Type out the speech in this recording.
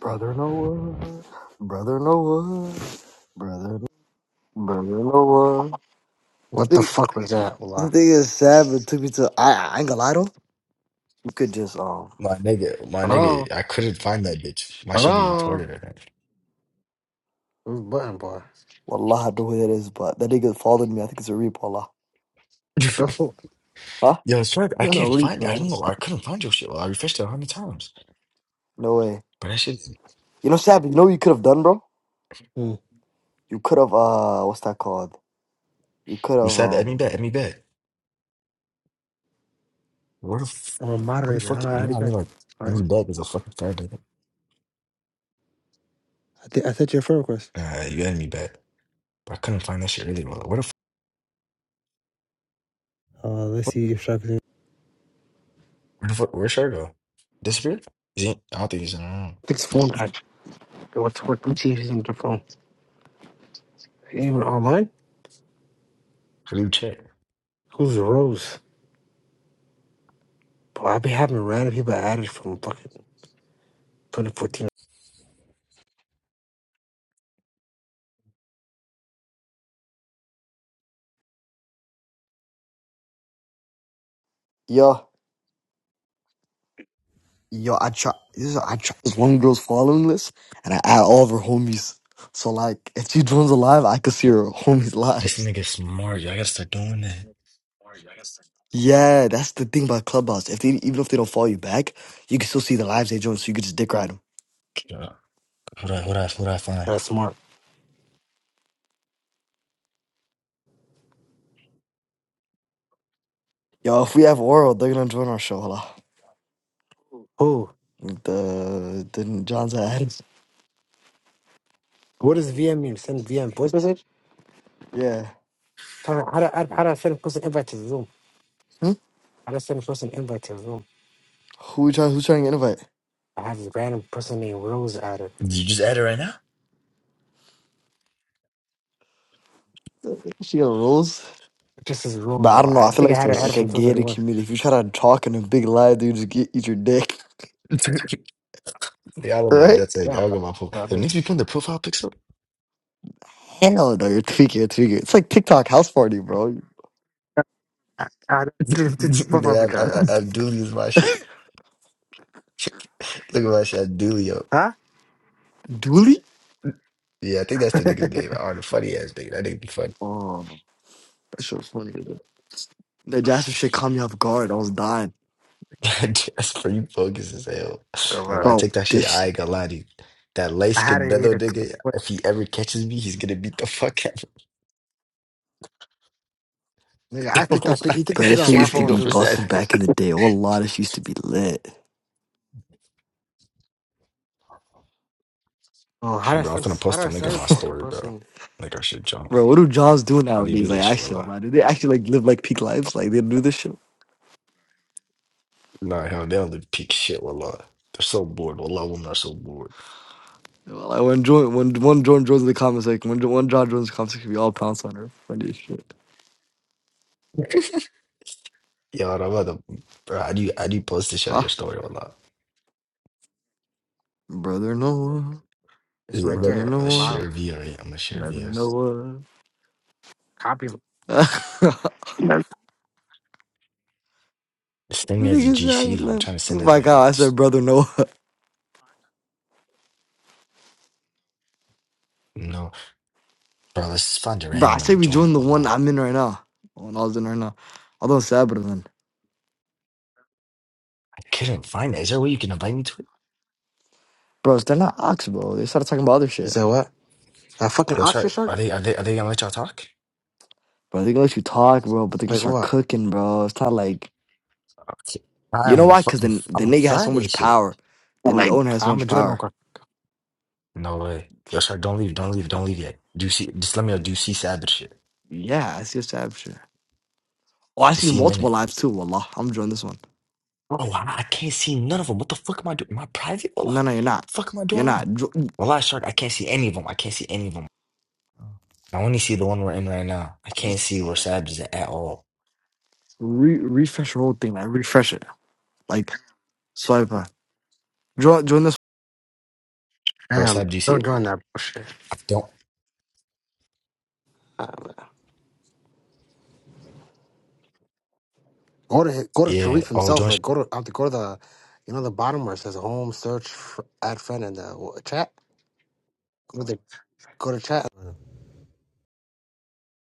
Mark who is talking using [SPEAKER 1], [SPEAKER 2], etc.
[SPEAKER 1] Brother Noah, brother Noah, brother, brother Noah.
[SPEAKER 2] What the
[SPEAKER 1] The
[SPEAKER 2] fuck was that? Hold
[SPEAKER 1] the
[SPEAKER 2] on.
[SPEAKER 1] thing is sad, but took me to. I, I ain't gonna lie though. You could just um,
[SPEAKER 3] My nigga, my
[SPEAKER 2] Hold on.
[SPEAKER 3] nigga, I couldn't find that bitch. My
[SPEAKER 2] Hold
[SPEAKER 3] shit be
[SPEAKER 2] on.
[SPEAKER 3] retarded, I
[SPEAKER 2] This button bar.
[SPEAKER 1] wallah, I don't know who that is, but that nigga followed me. I think it's a reap, wallah.
[SPEAKER 3] think.
[SPEAKER 2] So,
[SPEAKER 1] Huh?
[SPEAKER 3] Yo, sorry, I
[SPEAKER 2] not a
[SPEAKER 3] can't find it. I don't
[SPEAKER 2] replay.
[SPEAKER 3] know. I couldn't find your shit. Well, I refreshed it a hundred times.
[SPEAKER 1] No way.
[SPEAKER 3] But that shit,
[SPEAKER 1] You know, Sab, you know what you could have done, bro.
[SPEAKER 2] Hmm.
[SPEAKER 1] You could have uh, what's that called? You could
[SPEAKER 3] you
[SPEAKER 1] have
[SPEAKER 3] said at me
[SPEAKER 1] um,
[SPEAKER 3] back, at me back. Where the, f-
[SPEAKER 2] I'm a
[SPEAKER 3] where the
[SPEAKER 2] moderator. How
[SPEAKER 3] fuck,
[SPEAKER 2] do I don't know
[SPEAKER 3] you
[SPEAKER 2] how
[SPEAKER 3] know
[SPEAKER 2] to
[SPEAKER 3] what I mean?
[SPEAKER 2] get.
[SPEAKER 3] Like,
[SPEAKER 2] All
[SPEAKER 3] at me
[SPEAKER 2] right.
[SPEAKER 3] back is a fucking card, nigga.
[SPEAKER 2] I, th- I sent you a friend request.
[SPEAKER 3] Nah, you at me back. But I couldn't find that shit earlier. Like, where the, f-
[SPEAKER 2] Uh, let's see if Shaka can.
[SPEAKER 3] where the fuck, where should I go? Disappeared? Is he, I don't think he's in the room.
[SPEAKER 2] This phone type. What's what? Let me see if he's on the phone. He ain't Even online?
[SPEAKER 3] How do you check?
[SPEAKER 2] Who's Rose? Bro, I be having random people added from fucking 2014.
[SPEAKER 1] yo, yo, I try. This is I try. This one girl's following list, and I add all of her homies. So like, if she joins alive, I could see her homies'
[SPEAKER 3] This
[SPEAKER 1] lives.
[SPEAKER 3] nigga smart. Yo, I gotta start doing that.
[SPEAKER 1] Yeah, that's the thing about Clubhouse. If they even if they don't follow you back, you can still see the lives they join, so you can just dick ride them.
[SPEAKER 3] Yeah. What do I, what do I, what do I find?
[SPEAKER 2] That's smart.
[SPEAKER 1] Yo, if we have oral, they're gonna join our show. Hold on.
[SPEAKER 2] Who?
[SPEAKER 1] The the John's ads.
[SPEAKER 2] What does VM mean? Send VM voice message?
[SPEAKER 1] Yeah.
[SPEAKER 2] Tell me, How do, how, do- how do I send a person invite to Zoom?
[SPEAKER 1] Hmm?
[SPEAKER 2] How do I send a person invite to Zoom?
[SPEAKER 1] Who trying who's trying to invite?
[SPEAKER 2] I have this random person named Rose added.
[SPEAKER 3] Did you just add it right
[SPEAKER 1] She got rules.
[SPEAKER 2] Just as a
[SPEAKER 1] But I
[SPEAKER 2] normal.
[SPEAKER 1] don't know.
[SPEAKER 2] I
[SPEAKER 1] I feel
[SPEAKER 2] think
[SPEAKER 1] like
[SPEAKER 2] I
[SPEAKER 1] it's
[SPEAKER 2] had her
[SPEAKER 1] like,
[SPEAKER 2] added
[SPEAKER 1] like a
[SPEAKER 2] from
[SPEAKER 3] now?
[SPEAKER 1] gated
[SPEAKER 2] 2031.
[SPEAKER 1] community. If you try to talk in a big lie, dude, just get eat your dick.
[SPEAKER 3] Yeah, all love my
[SPEAKER 1] Right?
[SPEAKER 3] that's it. I
[SPEAKER 2] Yeah.
[SPEAKER 3] don't get
[SPEAKER 2] Well,
[SPEAKER 3] my profile. There
[SPEAKER 2] that
[SPEAKER 3] needs to
[SPEAKER 2] is-
[SPEAKER 3] be putting the profile pics up.
[SPEAKER 1] Hell no, you're tweaking, you're tweaking. It's like TikTok house party, bro.
[SPEAKER 2] I, I, fuck up
[SPEAKER 3] Nigga,
[SPEAKER 2] with
[SPEAKER 3] I,
[SPEAKER 2] your
[SPEAKER 3] I, I,
[SPEAKER 2] ass.
[SPEAKER 3] I Dooley is my shit. Look at my shit. I Dooley up.
[SPEAKER 2] Huh?
[SPEAKER 1] Dooley?
[SPEAKER 3] Yeah, I think that's the nigga's name. Oh, the funny ass nigga. That nigga be funny.
[SPEAKER 1] Oh, that shit was funny. The Jasper shit caught me off guard. I was dying.
[SPEAKER 3] That's you focus as hell.
[SPEAKER 2] Oh, well,
[SPEAKER 3] Remember, I
[SPEAKER 1] Bro,
[SPEAKER 3] take that
[SPEAKER 1] this
[SPEAKER 3] shit. I
[SPEAKER 1] shit,
[SPEAKER 3] ain't gonna lie to you. That light
[SPEAKER 2] I had
[SPEAKER 3] skinned
[SPEAKER 2] it
[SPEAKER 3] Nello
[SPEAKER 2] here.
[SPEAKER 3] nigga, if he ever catches me, he's gonna beat the fuck out of
[SPEAKER 2] Nigga,
[SPEAKER 3] me.
[SPEAKER 2] I think that pic- he took the
[SPEAKER 1] bro, this
[SPEAKER 2] picture on
[SPEAKER 1] shit
[SPEAKER 2] my
[SPEAKER 3] He's
[SPEAKER 1] used to
[SPEAKER 3] gonna
[SPEAKER 2] phone
[SPEAKER 3] go
[SPEAKER 1] be
[SPEAKER 3] for
[SPEAKER 2] too.
[SPEAKER 1] busting
[SPEAKER 3] seven.
[SPEAKER 1] back in the day. Oh, a lot of shit used to be lit.
[SPEAKER 2] Oh, how do I
[SPEAKER 3] Bro, I'm
[SPEAKER 2] send?
[SPEAKER 3] finna
[SPEAKER 2] How do
[SPEAKER 3] post a
[SPEAKER 2] I
[SPEAKER 3] link on
[SPEAKER 2] send this
[SPEAKER 3] my
[SPEAKER 2] fucking
[SPEAKER 3] story, bro.
[SPEAKER 2] person?
[SPEAKER 3] Like, I should jump him.
[SPEAKER 1] Bro, what do Johns do
[SPEAKER 3] How do you do
[SPEAKER 1] nowadays? Like,
[SPEAKER 3] that shit,
[SPEAKER 1] actually, oh,
[SPEAKER 3] Willa?
[SPEAKER 1] man, do they actually like live like peak lives? Like, they do this shit?
[SPEAKER 3] Nah, hell, they don't do peak shit, wallah. They're so bored. Wallah, women are so bored.
[SPEAKER 1] Well, Like, when Jordan, when one Jordan joins the comments, like when one John joins the comments, it could be all pounce on her. Funny as shit.
[SPEAKER 3] Yo, and I'm about to, bro, how do you, how do you post this out
[SPEAKER 1] Huh?
[SPEAKER 3] your story, wallah?
[SPEAKER 1] Brother Noah,
[SPEAKER 2] It's
[SPEAKER 3] Is it
[SPEAKER 2] right
[SPEAKER 3] about
[SPEAKER 1] brother
[SPEAKER 2] there, at
[SPEAKER 3] a
[SPEAKER 2] the
[SPEAKER 1] Noah,
[SPEAKER 3] share
[SPEAKER 2] bottom.
[SPEAKER 3] via? Right? I'm gonna share
[SPEAKER 1] brother
[SPEAKER 3] via.
[SPEAKER 2] Just
[SPEAKER 1] Noah.
[SPEAKER 2] copy.
[SPEAKER 1] the
[SPEAKER 2] No.
[SPEAKER 3] This thing as a
[SPEAKER 1] nigga's out
[SPEAKER 3] GC, though. I'm
[SPEAKER 1] left.
[SPEAKER 3] trying to
[SPEAKER 1] Oh
[SPEAKER 3] send it as
[SPEAKER 1] my
[SPEAKER 3] like a,
[SPEAKER 1] god! I said
[SPEAKER 3] just,
[SPEAKER 1] brother Noah.
[SPEAKER 3] no. Bro, let's just find a
[SPEAKER 1] Bro, I
[SPEAKER 3] random one
[SPEAKER 1] say
[SPEAKER 3] and
[SPEAKER 1] we
[SPEAKER 3] join it,
[SPEAKER 1] join the one
[SPEAKER 3] wallah.
[SPEAKER 1] I'm in right now. The one I was in right now. Although it's sad, but then.
[SPEAKER 3] I couldn't find it. Is there a way you can invite me to it?
[SPEAKER 1] Bros, they're not ox, bro. They started talking about other
[SPEAKER 2] You
[SPEAKER 1] shit.
[SPEAKER 2] said what? A fucking
[SPEAKER 3] Yo,
[SPEAKER 2] auction
[SPEAKER 3] sorry.
[SPEAKER 2] shark?
[SPEAKER 3] Are they, are they, are they gonna let y'all talk?
[SPEAKER 1] Bro, they gonna let you talk, bro, but they're gonna
[SPEAKER 2] Like
[SPEAKER 1] start
[SPEAKER 2] what?
[SPEAKER 1] cooking, bro. It's not like.
[SPEAKER 3] Okay.
[SPEAKER 1] You know
[SPEAKER 3] I'm a
[SPEAKER 1] why? Because
[SPEAKER 3] fucking,
[SPEAKER 1] then the
[SPEAKER 3] I'm a
[SPEAKER 1] nigga has so
[SPEAKER 3] Friday
[SPEAKER 1] much
[SPEAKER 3] shit.
[SPEAKER 1] power. Then the
[SPEAKER 2] Like
[SPEAKER 1] owner has so
[SPEAKER 2] I'm a
[SPEAKER 1] much
[SPEAKER 2] Jordan.
[SPEAKER 1] power.
[SPEAKER 3] No way. Yo, sorry, don't leave, don't leave, don't leave yet. Do you see, just let me know, do you see Sabbath shit?
[SPEAKER 1] Yeah, I see a sad shit. Oh, I
[SPEAKER 3] You
[SPEAKER 1] see
[SPEAKER 3] see him in
[SPEAKER 1] multiple
[SPEAKER 3] it?
[SPEAKER 1] lives too. Wallah, I'm joining this one.
[SPEAKER 3] Oh, I, I can't see none of them. What the fuck am I doing? Am I private? Wallah,
[SPEAKER 1] No, no, you're not.
[SPEAKER 3] fuck am I
[SPEAKER 1] You're
[SPEAKER 3] doing wrong?
[SPEAKER 1] not. Jo-
[SPEAKER 3] Wallah, Shark, I can't see any of them. I can't see any of them. I only see the one we're in right now. I can't see where Sab's is at all.
[SPEAKER 1] Re- refresh your whole thing, man. Refresh it. Like, swipe. Join, join this
[SPEAKER 3] Or
[SPEAKER 2] Damn,
[SPEAKER 3] Sab, do you see
[SPEAKER 2] don't
[SPEAKER 3] it?
[SPEAKER 2] join that bullshit.
[SPEAKER 3] I don't.
[SPEAKER 2] Go to hi- go to
[SPEAKER 3] Yeah.
[SPEAKER 2] Sharif
[SPEAKER 3] Oh,
[SPEAKER 2] himself.
[SPEAKER 3] join
[SPEAKER 2] Like go to out to go to the, you know the bottom where it says home search f add friend in the w- chat. Go to go to chat.